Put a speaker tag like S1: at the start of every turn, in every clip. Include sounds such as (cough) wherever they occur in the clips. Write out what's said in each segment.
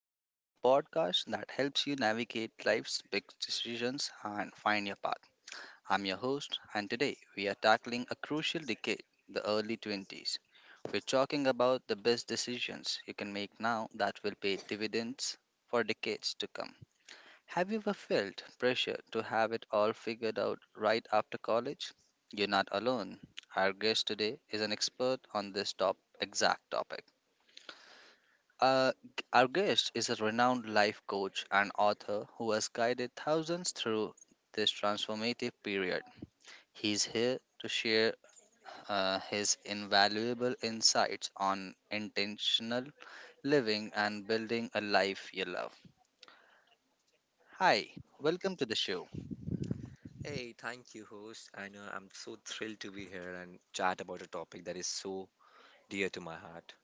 S1: Glow, the podcast that helps you navigate life's big decisions and find your path. I'm your host, and today we are tackling a crucial decade, the early 20s. We're talking about the best decisions you can make now that will pay dividends for decades to come. Have you ever felt pressure to have it all figured out right after college? You're not alone. Our guest today is an expert on this top exact topic. Our guest is a renowned life coach and author who has guided thousands through this transformative period. He's here to share his invaluable insights on intentional living and building a life you love. Hi, welcome to the show.
S2: Hey, thank you, host. I know I'm so thrilled to be here and chat about a topic that is so dear to my heart.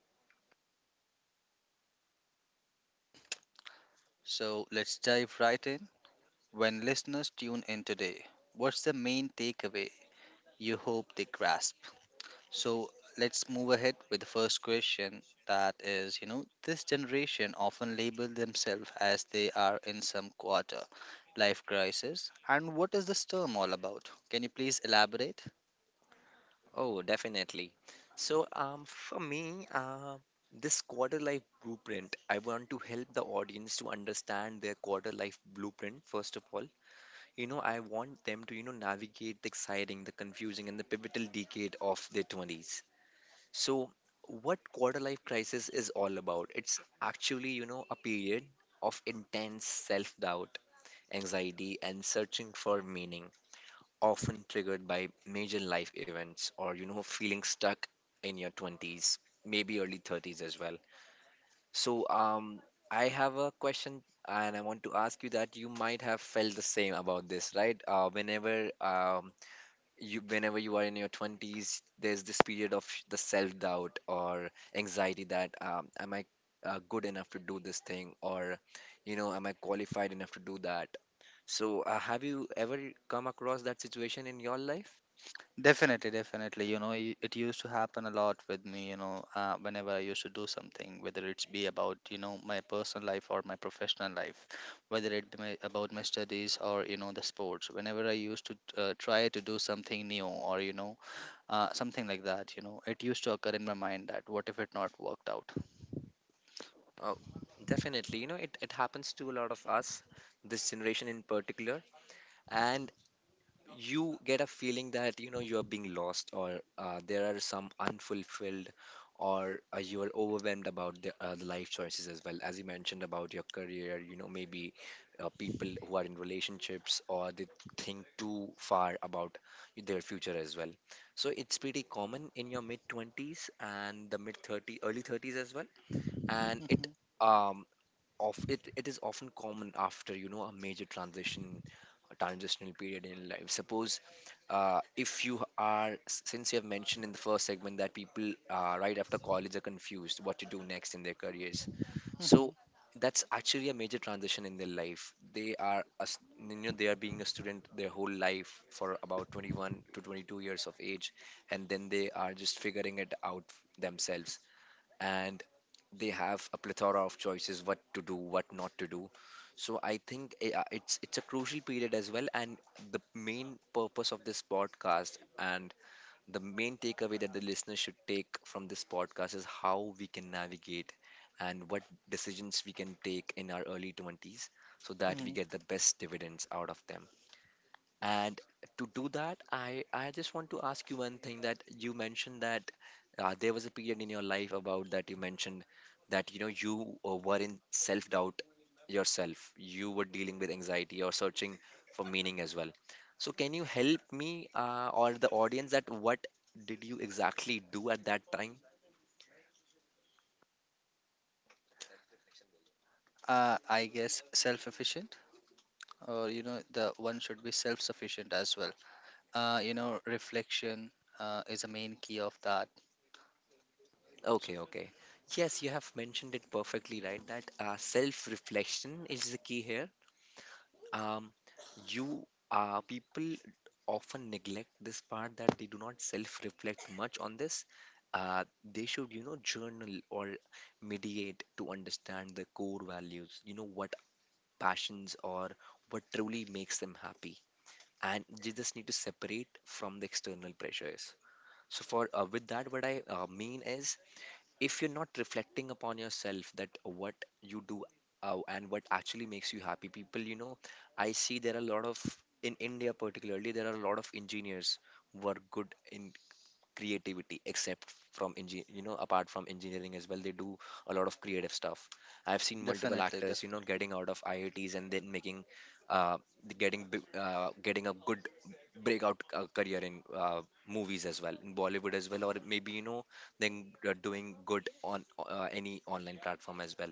S1: So let's dive right in. When listeners tune in today, what's the main takeaway you hope they grasp? So let's move ahead with the first question that is, you know, this generation often label themselves as they are in some quarter life crisis. And what is this term all about? Can you please elaborate?
S2: Oh, definitely. So for me, this quarter life blueprint, I want to help the audience to understand their quarter life blueprint, first of all. You know, I want them to, you know, navigate the exciting, the confusing, and the pivotal decade of their 20s. So, what quarter life crisis is all about? It's actually, you know, a period of intense self doubt anxiety, and searching for meaning, often triggered by major life events or, you know, feeling stuck in your 20s, maybe early 30s as well. So, um, I have a question and I want to ask you that you might have felt the same about this, right? Whenever you are in your 20s, there's this period of the self-doubt or anxiety that am I good enough to do this thing or you know am I qualified enough to do that? So, have you ever come across that situation in your life?
S1: Definitely, definitely. You know, it used to happen a lot with me, you know, whenever I used to do something, whether it's be about, you know, my personal life or my professional life, whether it be my, about my studies or, you know, the sports. Whenever I used to try to do something new or, you know, something like that, you know, it used to occur in my mind that what if it not worked out.
S2: Oh, definitely. You know, it happens to a lot of us, this generation in particular. And you get a feeling that you know you are being lost or there are some unfulfilled or you are overwhelmed about the life choices as well as you mentioned about your career, you know, maybe people who are in relationships or they think too far about their future as well. So it's pretty common in your mid 20s and the mid 30 early 30s as well. and it
S1: Mhm,
S2: um of it it is often common after, you know, a major transition, a transitional period in life. Suppose if you are, since you have mentioned in the first segment that people right after college are confused what to do next in their careers,
S1: mhm,
S2: so that's actually a major transition in their life. They are being a student their whole life for about 21 to 22 years of age, and then they are just figuring it out themselves, and they have a plethora of choices, what to do, what not to do. So I think it's a crucial period as well, and the main purpose of this podcast and the main takeaway that the listener should take from this podcast is how we can navigate and what decisions we can take in our early 20s so that we
S1: mhm.
S2: get the best dividends out of them. And to do that, I just want to ask you one thing, that you mentioned that there was a period in your life about that you mentioned that you know you were in self-doubt yourself. You were dealing with anxiety or searching for meaning as well. So can you help me or the audience, that what did you exactly do at that time?
S1: I guess self-efficient, or you know the one should be self-sufficient as well. You know, reflection is a main key of that.
S2: Okay, okay. Yes, you have mentioned it perfectly right that self-reflection is the key here. Um, you People often neglect this part, that they do not self-reflect much on this. They should, you know, journal or mediate to understand the core values, you know, what passions or what truly makes them happy. And they just need to separate from the external pressures. So for with that, what I mean is, if you're not reflecting upon yourself that what you do and what actually makes you happy. People, you know, I see there are a lot of, in India particularly, there are a lot of engineers who are good in creativity, you know, apart from engineering as well, they do a lot of creative stuff. I've seen multiple
S1: Definitely,
S2: actors, you know,
S1: definitely.
S2: getting out of IITs and then making uh getting a good breakout career in movies as well, in Bollywood as well, or maybe, you know, then doing good on any online platform as well.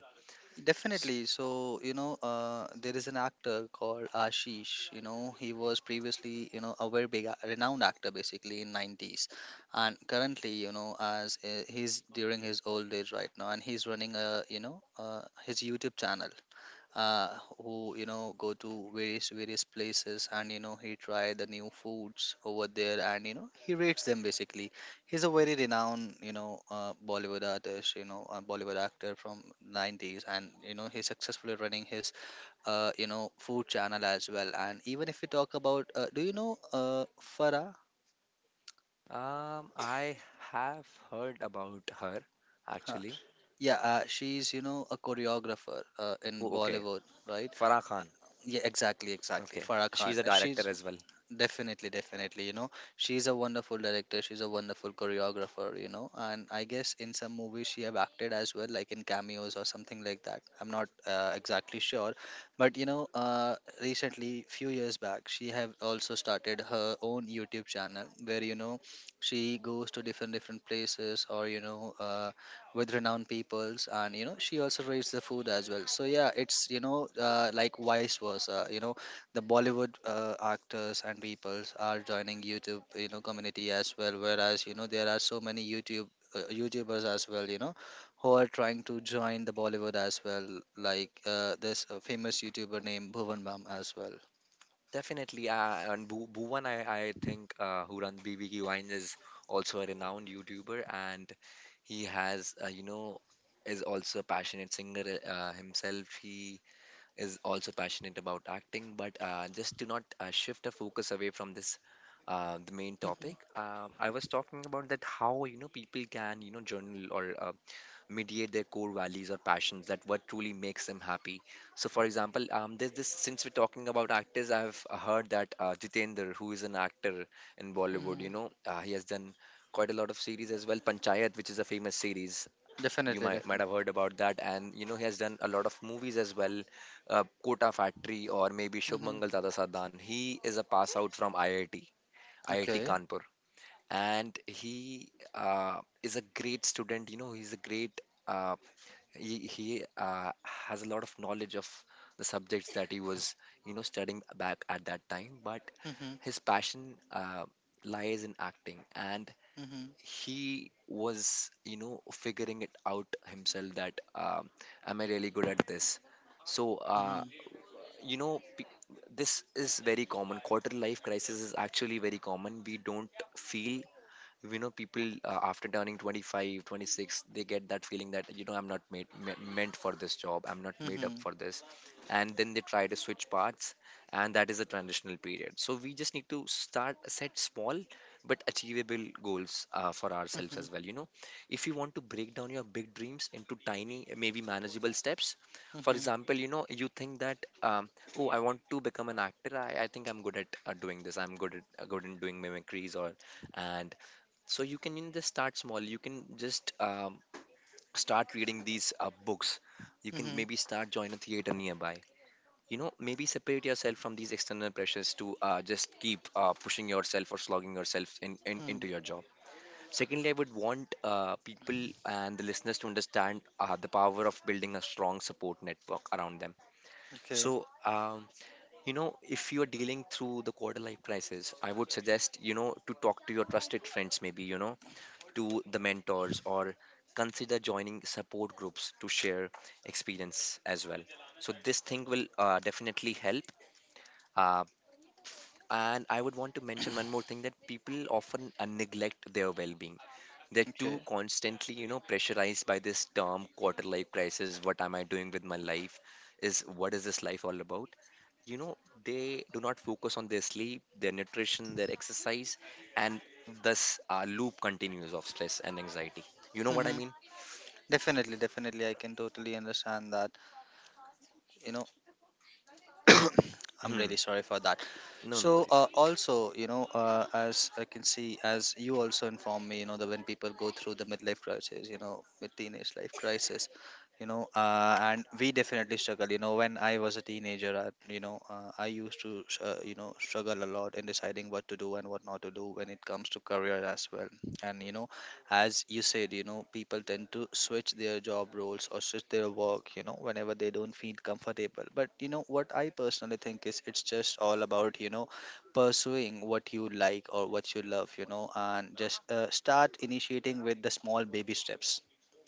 S2: S-
S1: Definitely. So, you know, there is an actor called Ashish. You know, he was previously, you know, a very big, renowned actor basically in 90s, and currently, you know, as he's during his old age right now, and he's running a, you know, his YouTube channel, uh, who you know go to various places, and you know he try the new foods over there and you know he rates them basically. He's a very renowned, you know, Bollywood artist, you know, a Bollywood actor from 90s, and you know he's successfully running his you know food channel as well. And even if we talk about do you know Farah.
S2: I have heard about her
S1: Huh.
S2: actually.
S1: Yeah, she's, you know, a choreographer in
S2: Oh, okay.
S1: Bollywood. Right.
S2: Farah Khan.
S1: Yeah, exactly, exactly,
S2: Okay,
S1: Farah Khan.
S2: she's a director
S1: She's.
S2: as well.
S1: Definitely, definitely. You know, she's a wonderful director. She's a wonderful choreographer. You know, and I guess in some movies she have acted as well, like in cameos or something like that. I'm not exactly sure, but you know, recently, few years back, she have also started her own YouTube channel where you know she goes to different places or you know with renowned peoples, and you know she also rates the food as well. So yeah, it's you know like vice versa. You know the Bollywood actors and peoples are joining YouTube, you know, community as well. Whereas, you know, there are so many YouTubers as well, you know, who are trying to join the Bollywood as well, like this famous YouTuber named Bhuvan Bam as well.
S2: Definitely, and Bu Bhuvan, I think, who runs BBQ Wines is also a renowned YouTuber, and he has, you know, is also a passionate singer himself. He is also passionate about acting. But just to not shift the focus away from this, the main topic,
S1: Hmm.
S2: I was talking about that how, you know, people can, you know, journal or mediate their core values or passions, that what truly makes them happy. So, for example, there's this, since we're talking about actors, I've heard that Jitender, who is an actor in Bollywood, you
S1: Hmm.
S2: know, he has done quite a lot of series as well. Panchayat, which is a famous series, you
S1: Definitely,
S2: might
S1: definitely.
S2: have heard about that, and you know he has done a lot of movies as well, Kota Factory, or maybe
S1: Hmm.
S2: Shubmangal Dada Sadan. He is a pass out from IIT, IIT
S1: Okay.
S2: Kanpur, and he is a great student, you know, he's a great uh, he has a lot of knowledge of the subjects that he was, you know, studying back at that time, but
S1: Hmm.
S2: his passion lies in acting. And
S1: Hmm.
S2: he was, you know, figuring it out himself, that am I really good at this? so
S1: Hmm.
S2: uh,
S1: Hmm.
S2: you know pe- this is very common. Quarter life crisis is actually very common. We don't feel, we know people, after turning 25 26, they get that feeling that, you know, I'm not made me- meant for this job, I'm not made up
S1: Hmm.
S2: for this. And then they try to switch paths, and that is a transitional period. So we just need to start, set small but achievable goals for ourselves as well. You know, if you want to break down your big dreams into tiny, maybe manageable steps. For
S1: Hmm.
S2: example, you know, you think that oh, I want to become an actor, I think I'm good at doing this, I'm good at good in doing mimicries or, and so you can, you know, just start small. You can just start reading these books. You can
S1: Hmm.
S2: maybe start, join a theater nearby. You know, maybe separate yourself from these external pressures to just keep pushing yourself or slogging yourself in into your
S1: Hmm.
S2: job. Secondly, I would want people and the listeners to understand the power of building a strong support network around them.
S1: Okay.
S2: So, you know, if you are dealing through the quarter life crisis, I would suggest, you know, to talk to your trusted friends, maybe, you know, to the mentors, or consider joining support groups to share experience as well. So this thing will definitely help. Uh, and I would want to mention one more thing, that people often neglect their well-being. They're too
S1: Okay.
S2: constantly, you know, pressurized by this term quarter life crisis. What am I doing with my life? Is, what is this life all about? You know, they do not focus on their sleep, their nutrition, their exercise, and thus a loop continues of stress and anxiety. You know what I
S1: Hmm.
S2: mean?
S1: Definitely, definitely, I can totally understand that. You know, (coughs)
S2: (clears throat)
S1: I'm really
S2: Hmm.
S1: sorry for that.
S2: No, no
S1: So,
S2: worries.
S1: also, you know, as I can see, as you also informed me, you know, that when people go through the midlife crisis, you know, mid teenage life crisis, you know, and we definitely struggle. You know, when I was a teenager, I, you know, I used to, you know, struggle a lot in deciding what to do and what not to do when it comes to career as well. And you know, as you said, you know, people tend to switch their job roles or switch their work, you know, whenever they don't feel comfortable. But you know what I personally think is it's just all about, you know, pursuing what you like or what you love, you know, and just start initiating with the small baby steps.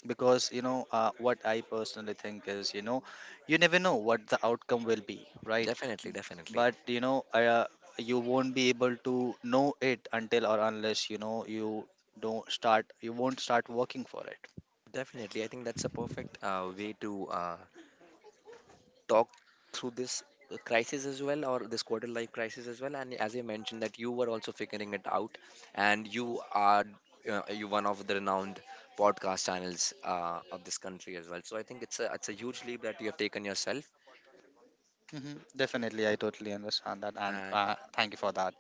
S1: Because you know what I personally think is, you know, you never know what the outcome will be, right?
S2: Definitely, definitely,
S1: But you know you won't be able to know it until or unless, you know, you don't start you won't start working for it.
S2: definitely. I think that's a perfect way to talk through this crisis as well, or this quarter life crisis as well. And as you mentioned that you were also figuring it out, and you are you one of the renowned podcast channels of this country as well, so I think it's a, it's a huge leap that you have taken yourself.
S1: Hmm. Definitely, I totally understand that, and
S2: And
S1: thank you for that.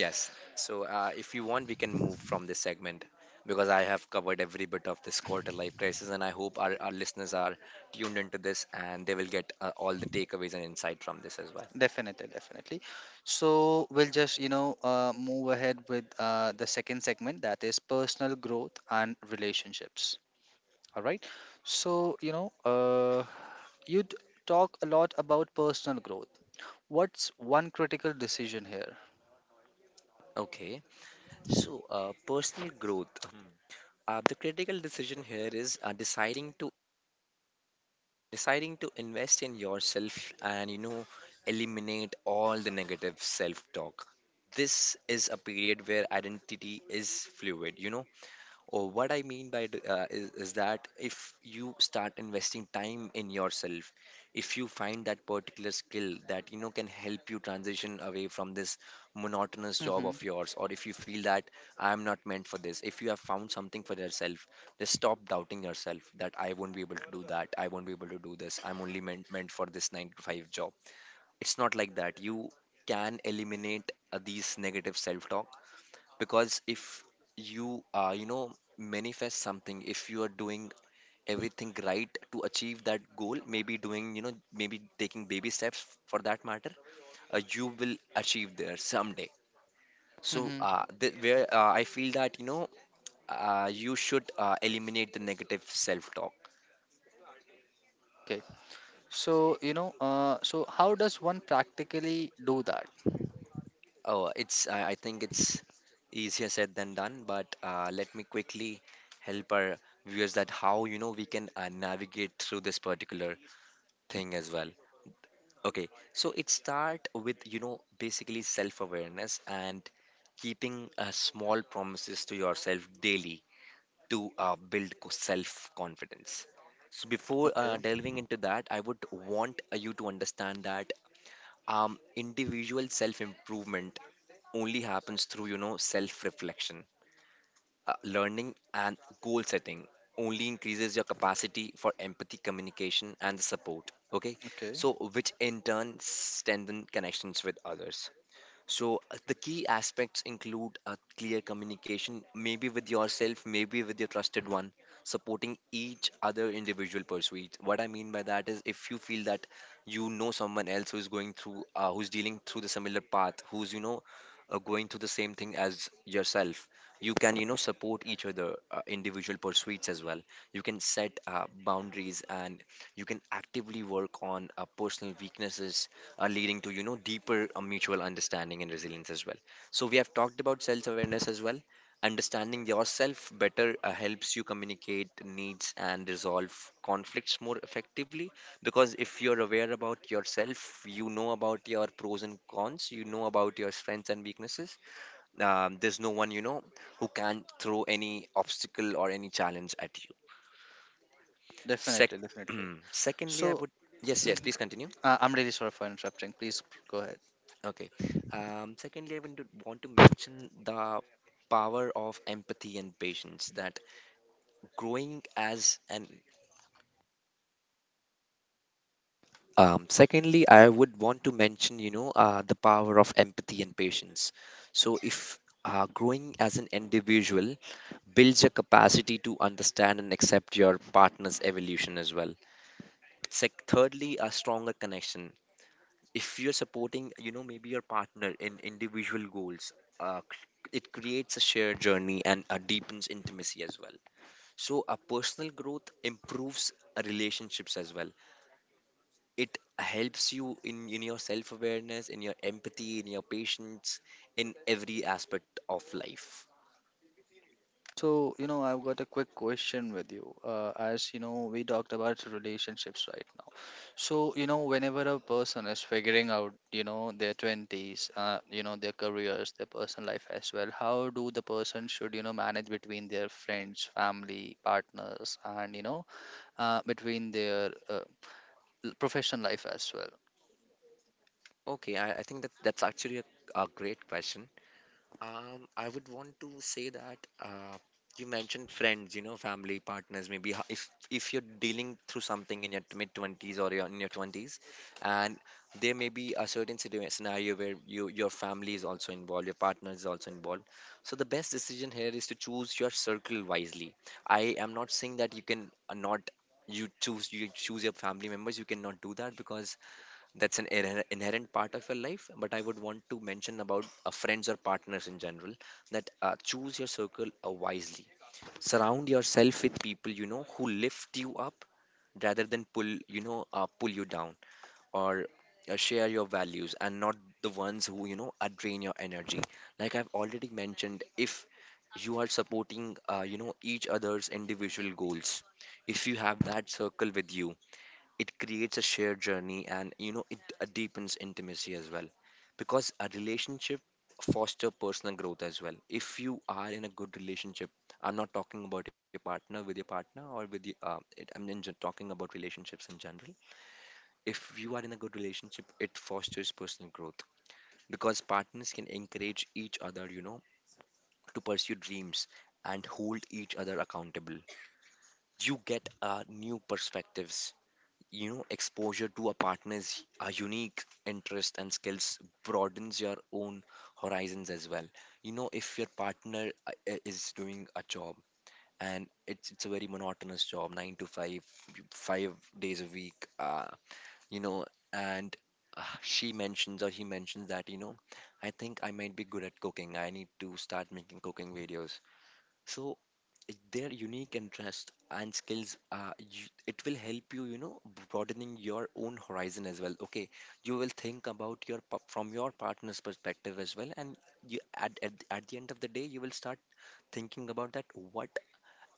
S2: yes, so if you want we can move from this segment, because I have covered every bit of this quarter life crisis, and I hope our listeners are tuned into this and they will get all the takeaways and insight from this as well.
S1: Definitely, definitely. So we'll just, you know, move ahead with the second segment, that is personal growth and relationships. All right. So, you know, you talk a lot about personal growth. What's one critical decision here?
S2: Okay. So, personal growth. The critical decision here is deciding to invest in yourself, and, you know, eliminate all the negative self-talk. This is a period where identity is fluid. You know, or what I mean is that if you start investing time in yourself, if you find that particular skill that, you know, can help you transition away from this monotonous job
S1: Hmm.
S2: of yours, or if you feel that I am not meant for this, if you have found something for yourself, just stop doubting yourself that I won't be able to do that, I won't be able to do this, I'm only meant for this nine to five job. It's not like that. You can eliminate these negative self-talk because if you you know manifest something if you are doing everything right to achieve that goal, maybe doing, you know, maybe taking baby steps for that matter, you will achieve there someday. So
S1: Hmm.
S2: th- where I feel that you should eliminate the negative self talk.
S1: Okay. So, you know, so how does one practically do that?
S2: Oh it's I i think it's easier said than done, but let me quickly help our viewers that how, you know, we can navigate through this particular thing as well. Okay, so it start with, you know, basically self-awareness and keeping small promises to yourself daily to build self-confidence. So before
S1: Okay,
S2: delving into that, I would want you to understand that individual self-improvement only happens through, you know, self-reflection, learning and goal setting only increases your capacity for empathy, communication, and the support. Okay,
S1: okay.
S2: so which in turn strengthen connections with others. So the key aspects include a clear communication, maybe with yourself, maybe with your trusted one, supporting each other individual pursuit. What I mean by that is if you feel that, you know, someone else who's going through, who's dealing through the similar path, who's, you know, going through the same thing as yourself, you can, you know, support each other individual pursuits as well. You can set boundaries and you can actively work on personal weaknesses are leading to, you know, deeper mutual understanding and resilience as well. So we have talked about self awareness as well. Understanding yourself better helps you communicate needs and resolve conflicts more effectively, because if you're aware about yourself, you know about your pros and cons, you know about your strengths and weaknesses. There's no one, you know, who can throw any obstacle or any challenge at you.
S1: Definitely,
S2: Sec-
S1: definitely.
S2: (clears throat) Secondly, I
S1: So.
S2: would, yes, yes,
S1: Mhm.
S2: please continue.
S1: I'm really sorry for interrupting. Please go ahead.
S2: Okay. Secondly, I want to mention the power of empathy and patience that growing as an secondly, I would want to mention, you know, the power of empathy and patience. So if growing as an individual builds a capacity to understand and accept your partner's evolution as well. Thirdly, a stronger connection, if you're supporting, you know, maybe your partner in individual goals, it creates a shared journey and deepens intimacy as well. So a personal growth improves relationships as well. It helps you in your self-awareness, in your empathy, in your patience, in every aspect of life.
S1: So, you know, I've got a quick question with you. As you know, we talked about relationships right now. So, you know, whenever a person is figuring out, you know, their 20s, you know, their careers, their personal life as well, how do the person should, you know, manage between their friends, family, partners, and, you know, between their professional life as well?
S2: I think that that's actually a great question. I would want to say that you mentioned friends, you know, family, partners. Maybe if if you're dealing through something in your mid twenties or your, in your twenties, and there may be a certain scenario where you your family is also involved, your partner is also involved. So the best decision here is to choose your circle wisely. I am not saying that you can not you choose your family members. You cannot do that because that's an inherent part of your life, but I would want to mention about friends or partners in general, that choose your circle wisely. Surround yourself with people, you know, who lift you up rather than pull you down, or share your values and not the ones who, you know, are drain your energy. Like I've already mentioned, if you are supporting, you know, each other's individual goals, if you have that circle with you, it creates a shared journey, and, you know, it deepens intimacy as well. Because a relationship foster personal growth as well, if you are in a good relationship. I'm not talking about your partner with your partner or with your it, I'm in gen- talking about relationships in general. If you are in a good relationship, it fosters personal growth, because partners can encourage each other, you know, to pursue dreams and hold each other accountable. You get new perspectives, you know, exposure to a partner's unique interest and skills broadens your own horizons as well. You know, if your partner is doing a job, and it's a very monotonous job, 9 to 5, 5 days a week, you know, and she mentions or he mentions that, you know, I think I might be good at cooking, I need to start making cooking videos. So their unique interest and skills, it will help you, you know, broadening your own horizon as well. Okay, you will think about your from your partner's perspective as well, and you at the end of the day, you will start thinking about that what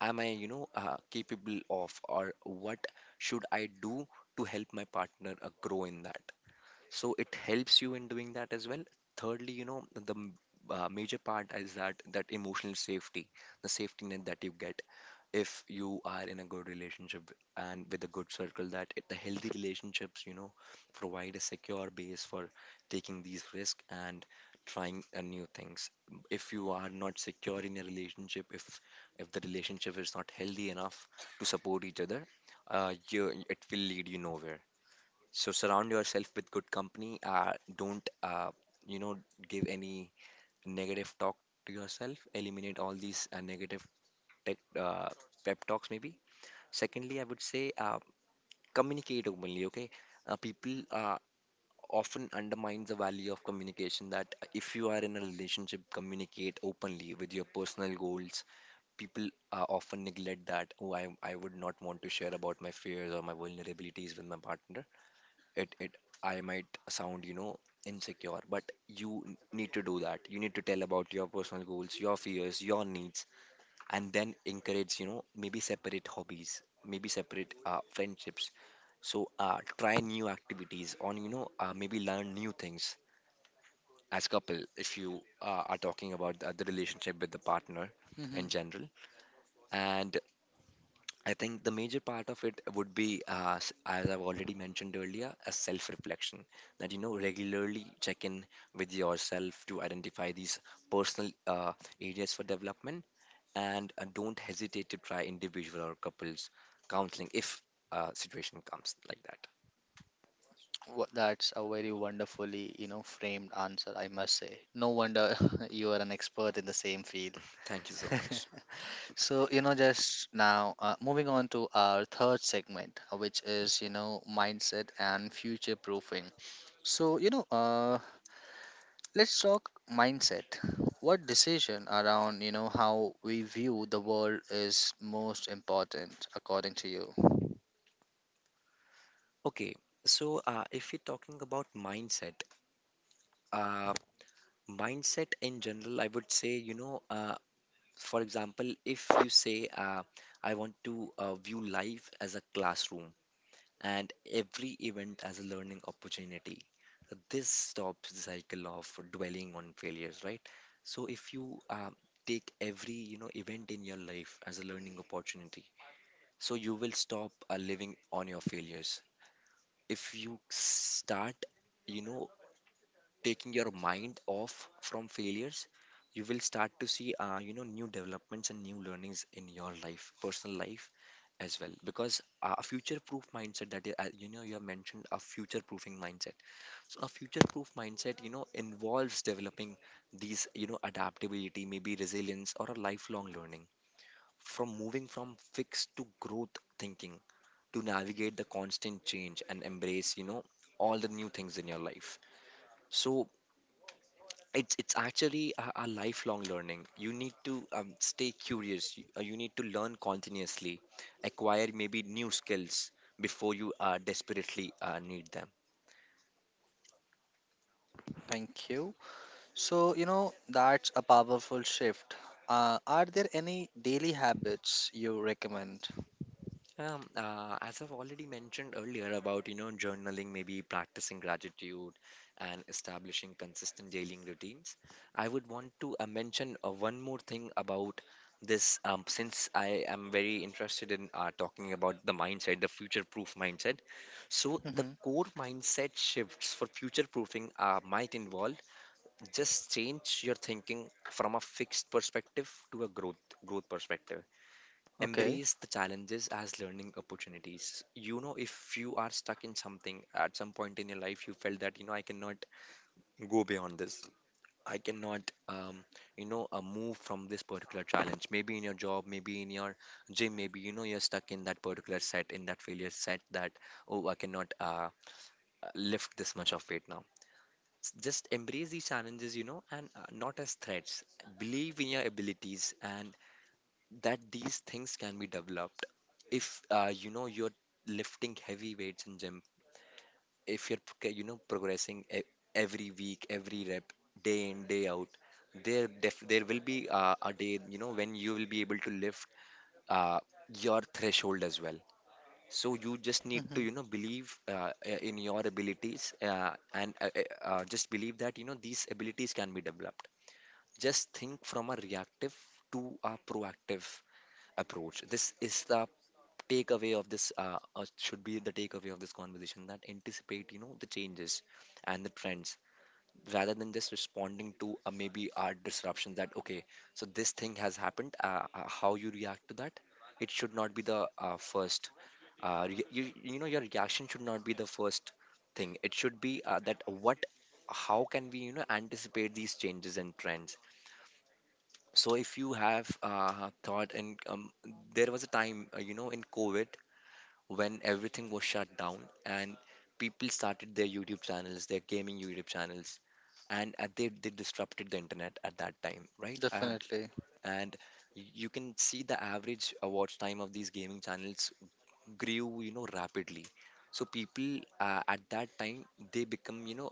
S2: am I, you know, capable of, or what should I do to help my partner grow in that. So it helps you in doing that as well. Thirdly, you know, the major part is that that emotional safety, the safety net that you get if you are in a good relationship and with a good circle, that it, the healthy relationships, you know, provide a secure base for taking these risks and trying new things. If you are not secure in a relationship, if the relationship is not healthy enough to support each other, it will lead you nowhere. So surround yourself with good company, don't, you know, give any negative talk to yourself. Eliminate all these negative tech, uh, pep talks maybe. Secondly, I would say, communicate openly, okay? People often undermine the value of communication, that if you are in a relationship, communicate openly with your personal goals. People often neglect that, oh, I would not want to share about my fears or my vulnerabilities with my partner. It, it, I might sound, you know, insecure, but you need to do that. You need to tell about your personal goals, your fears, your needs, and then encourage, you know, maybe separate hobbies, maybe separate friendships. So try new activities on, you know, maybe learn new things as couple, if you are talking about the relationship with the partner in general. And I think the major part of it would be as I've already mentioned earlier, a self reflection, that, you know, regularly check in with yourself to identify these personal areas for development, and don't hesitate to try individual or couples counseling if situation comes like that.
S1: That's a very wonderfully, you know, framed answer, I must say. No wonder (laughs) you are an expert in the same field.
S2: Thank you so
S1: (laughs)
S2: much.
S1: So, you know, just now, moving on to our third segment, which is, you know, mindset and future proofing. So, you know, let's talk mindset. What decision around, you know, how we view the world is most important according to you?
S2: Okay, so if you're talking about mindset, uh, mindset in general, I would say, you know, for example, if you say, I want to view life as a classroom, and every event as a learning opportunity. This stops the cycle of dwelling on failures, right? So if you, take every, you know, event in your life as a learning opportunity, so you will stop living on your failures. If you start, you know, taking your mind off from failures, you will start to see, you know, new developments and new learnings in your life, personal life as well, because a future proof mindset, that is, you know, you have mentioned a future proofing mindset. So a future proof mindset, you know, involves developing these, you know, adaptability, maybe resilience, or a lifelong learning, from moving from fixed to growth thinking, to navigate the constant change and embrace, you know, all the new things in your life. So it's actually a lifelong learning. You need to stay curious, you need to learn continuously, acquire maybe new skills before you desperately need them.
S1: Thank you. So, you know, that's a powerful shift. Are there any daily habits you recommend?
S2: As I've already mentioned earlier about, you know, journaling, maybe practicing gratitude, and establishing consistent daily routines, I would want to mention one more thing about this. Since I am very interested in talking about the mindset, the future-proof mindset, so the
S1: Hmm.
S2: core mindset shifts for future-proofing might involve just change your thinking from a fixed perspective to a growth perspective.
S1: Okay.
S2: Embrace the challenges as learning opportunities. You know, if you are stuck in something at some point in your life, you felt that, you know, I cannot go beyond this. I cannot, um, you know, move from this particular challenge. Maybe in your job, maybe in your gym, maybe, you know, you're stuck in that particular set, in that failure set that, oh, I cannot lift this much of weight now. Just embrace these challenges, you know, and not as threats. Believe in your abilities and that these things can be developed. If you know you're lifting heavy weights in gym, if you're you know progressing every week, every rep, day in day out, there will be a day, you know, when you will be able to lift uh, your threshold as well. So you just need to,
S1: Hmm.
S2: you know, believe, in your abilities, and just believe that, you know, these abilities can be developed. Just think from a reactive to a proactive approach. This is the takeaway of this, should be the takeaway of this conversation, that anticipate, you know, the changes and the trends rather than just responding to, maybe our disruption, that okay, so this thing has happened. How you react to that, it should not be the first, you, you know, your reaction should not be the first thing. It should be that what, how can we, you know, anticipate these changes and trends. So if you have thought, and there was a time, you know, in covid when everything was shut down, and people started their YouTube channels, their gaming YouTube channels, and they disrupted the internet at that time, right? Uh,
S1: Definitely.
S2: and you can see the average watch time of these gaming channels grew, you know, rapidly. So people at that time, they become, you know,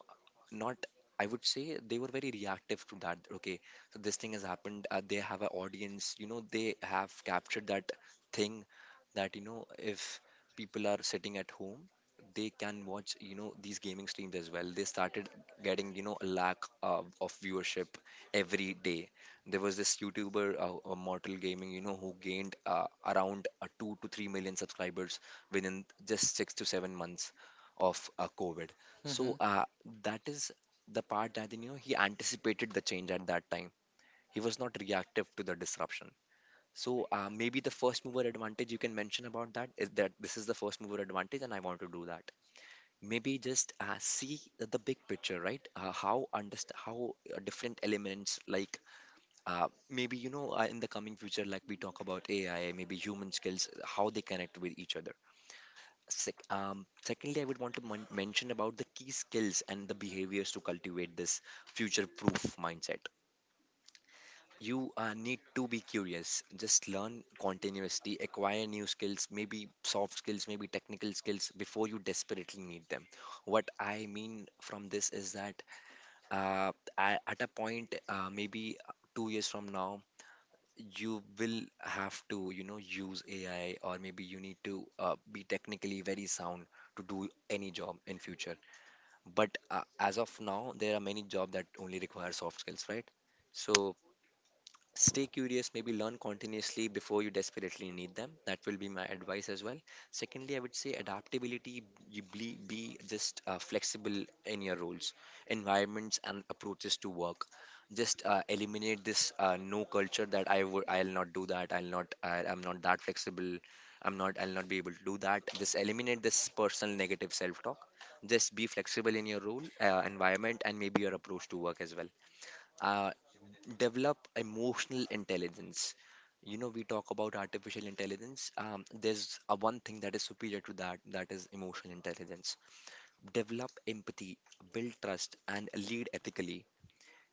S2: not. I would say they were very reactive to that. Okay, so this thing has happened. They have an audience, you know, they have captured that thing, that you know, if people are sitting at home, they can watch, you know, these gaming streams as well. They started getting, you know, a lack of viewership every day. There was this youtuber, mortal gaming, you know, who gained around 2 to 3 million subscribers within just 6 to 7 months of covid. So
S1: Hmm.
S2: that is the part that, you know, he anticipated the change at that time. He was not reactive to the disruption. So maybe the first mover advantage, you can mention about that, is that this is the first mover advantage, and I want to do that. Maybe just see the big picture, right? How how different elements, like maybe, you know, in the coming future, like we talk about AI, maybe human skills, how they connect with each other. Secondly, I would want to mention about the key skills and the behaviors to cultivate this future-proof mindset. You need to be curious. Just learn continuously, acquire new skills, maybe soft skills, maybe technical skills before you desperately need them. What I mean from this is that at a point, maybe 2 years from now, you will have to, you know, use AI, or maybe you need to be technically very sound to do any job in future. But as of now, there are many jobs that only require soft skills, right? So stay curious, maybe learn continuously before you desperately need them. That will be my advice as well. Secondly, I would say adaptability. Be just flexible in your roles, environments, and approaches to work. Just eliminate this no culture, that I'll not do that, I'll not, I'm not that flexible, I'm not, I'll not be able to do that. Just eliminate this personal negative self talk. Just be flexible in your role, environment, and maybe your approach to work as well. Uh, Develop emotional intelligence. You know, we talk about artificial intelligence. There's a one thing that is superior to that, that is emotional intelligence. Develop empathy, build trust, and lead ethically.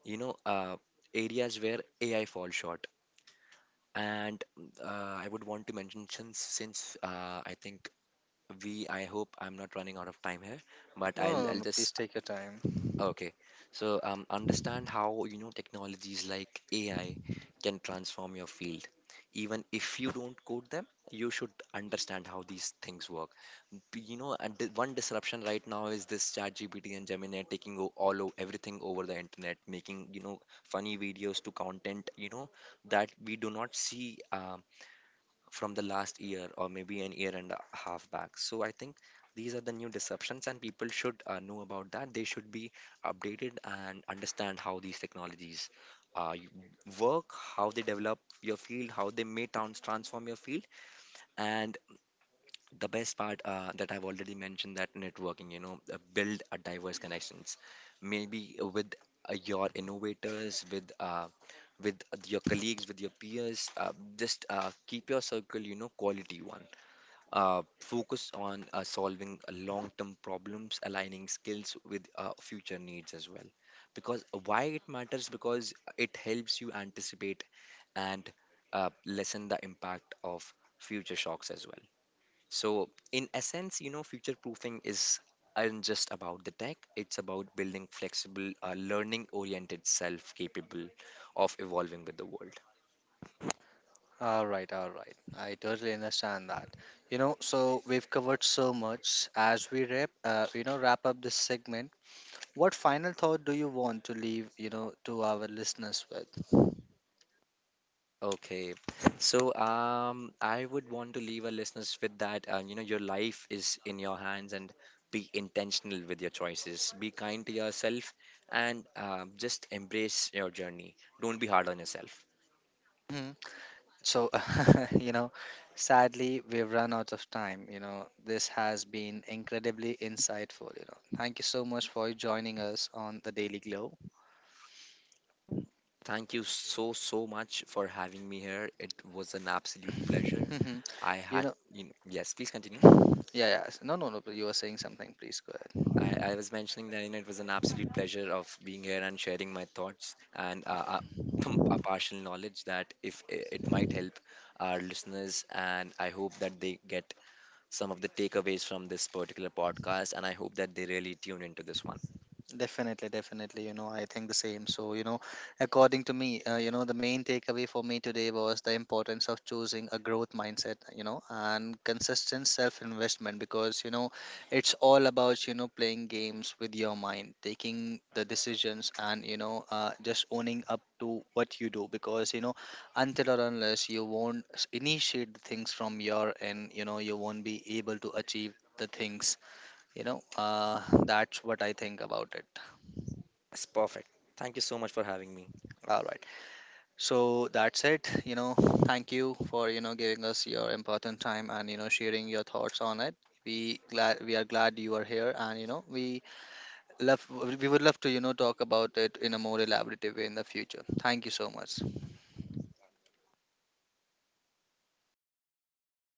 S2: You know, areas where AI falls short. And uh, I would want to mention, since I think we I hope I'm not running out of time here, but
S1: No,
S2: I'll
S1: no, no,
S2: I'll
S1: no.
S2: just.
S1: Please take your time.
S2: Okay. So understand how, you know, technologies like AI can transform your field. Even if you don't code them, you should understand how these things work. You know, and the one disruption right now is this ChatGPT and Gemini taking everything over the internet, making, you know, funny videos to content, you know, that we do not see. From the last year or maybe an year and a half back. So I think these are the new disruptions, and people should know about that. They should be updated and understand how these technologies work, how they develop your field, how they may transform your field, and the best part that I've already mentioned, that networking, you know, build a diverse connections, maybe with your innovators, with your colleagues, with your peers. Just keep your circle, you know, quality one. Focus on solving long-term problems, aligning skills with future needs as well. Because why it matters? Because it helps you anticipate and lessen the impact of future shocks as well. So in essence, you know, future proofing is isn't just about the tech. It's about building flexible, learning oriented self capable of evolving with the world.
S1: All right, all right. I totally understand that. You know, so we've covered so much. As we wrap, you know, wrap up this segment, what final thought do you want to leave, you know, to our listeners with?
S2: Okay, so I would want to leave our listeners with that. You know, your life is in your hands, and be intentional with your choices. Be kind to yourself, and just embrace your journey. Don't be hard on yourself.
S1: So, (laughs) you know, sadly, we've run out of time. You know, this has been incredibly insightful. You know, thank you so much for joining us on the Daily Glow.
S2: Thank you so, so much for having me here. It was an absolute pleasure. I
S1: (laughs) You
S2: had,
S1: know,
S2: you know, yes, please continue.
S1: yeah, yeah. No, no, no. You were saying something. Please go ahead.
S2: I was mentioning that, you know, it was an absolute pleasure of being here and sharing my thoughts, and (clears throat) a partial knowledge that if it might help our listeners. And I hope that they get some of the takeaways from this particular podcast. And I hope that they really tune into this one.
S1: Definitely, definitely. You know, I think the same. So, you know, according to me, you know, the main takeaway for me today was the importance of choosing a growth mindset, you know, and consistent self investment, because, you know, it's all about, you know, playing games with your mind, taking the decisions and, you know, just owning up to what you do because, you know, until or unless you won't initiate the things from your end, you know, you won't be able to achieve the things, you know, that's what I think about it.
S2: It's perfect. Thank you so much for having me.
S1: All right. So that's it. You know, thank you for you know giving us your important time and you know sharing your thoughts on it. We are glad you are here, and you know love we would love to you know talk about it in a more elaborative way in the future. Thank you so much.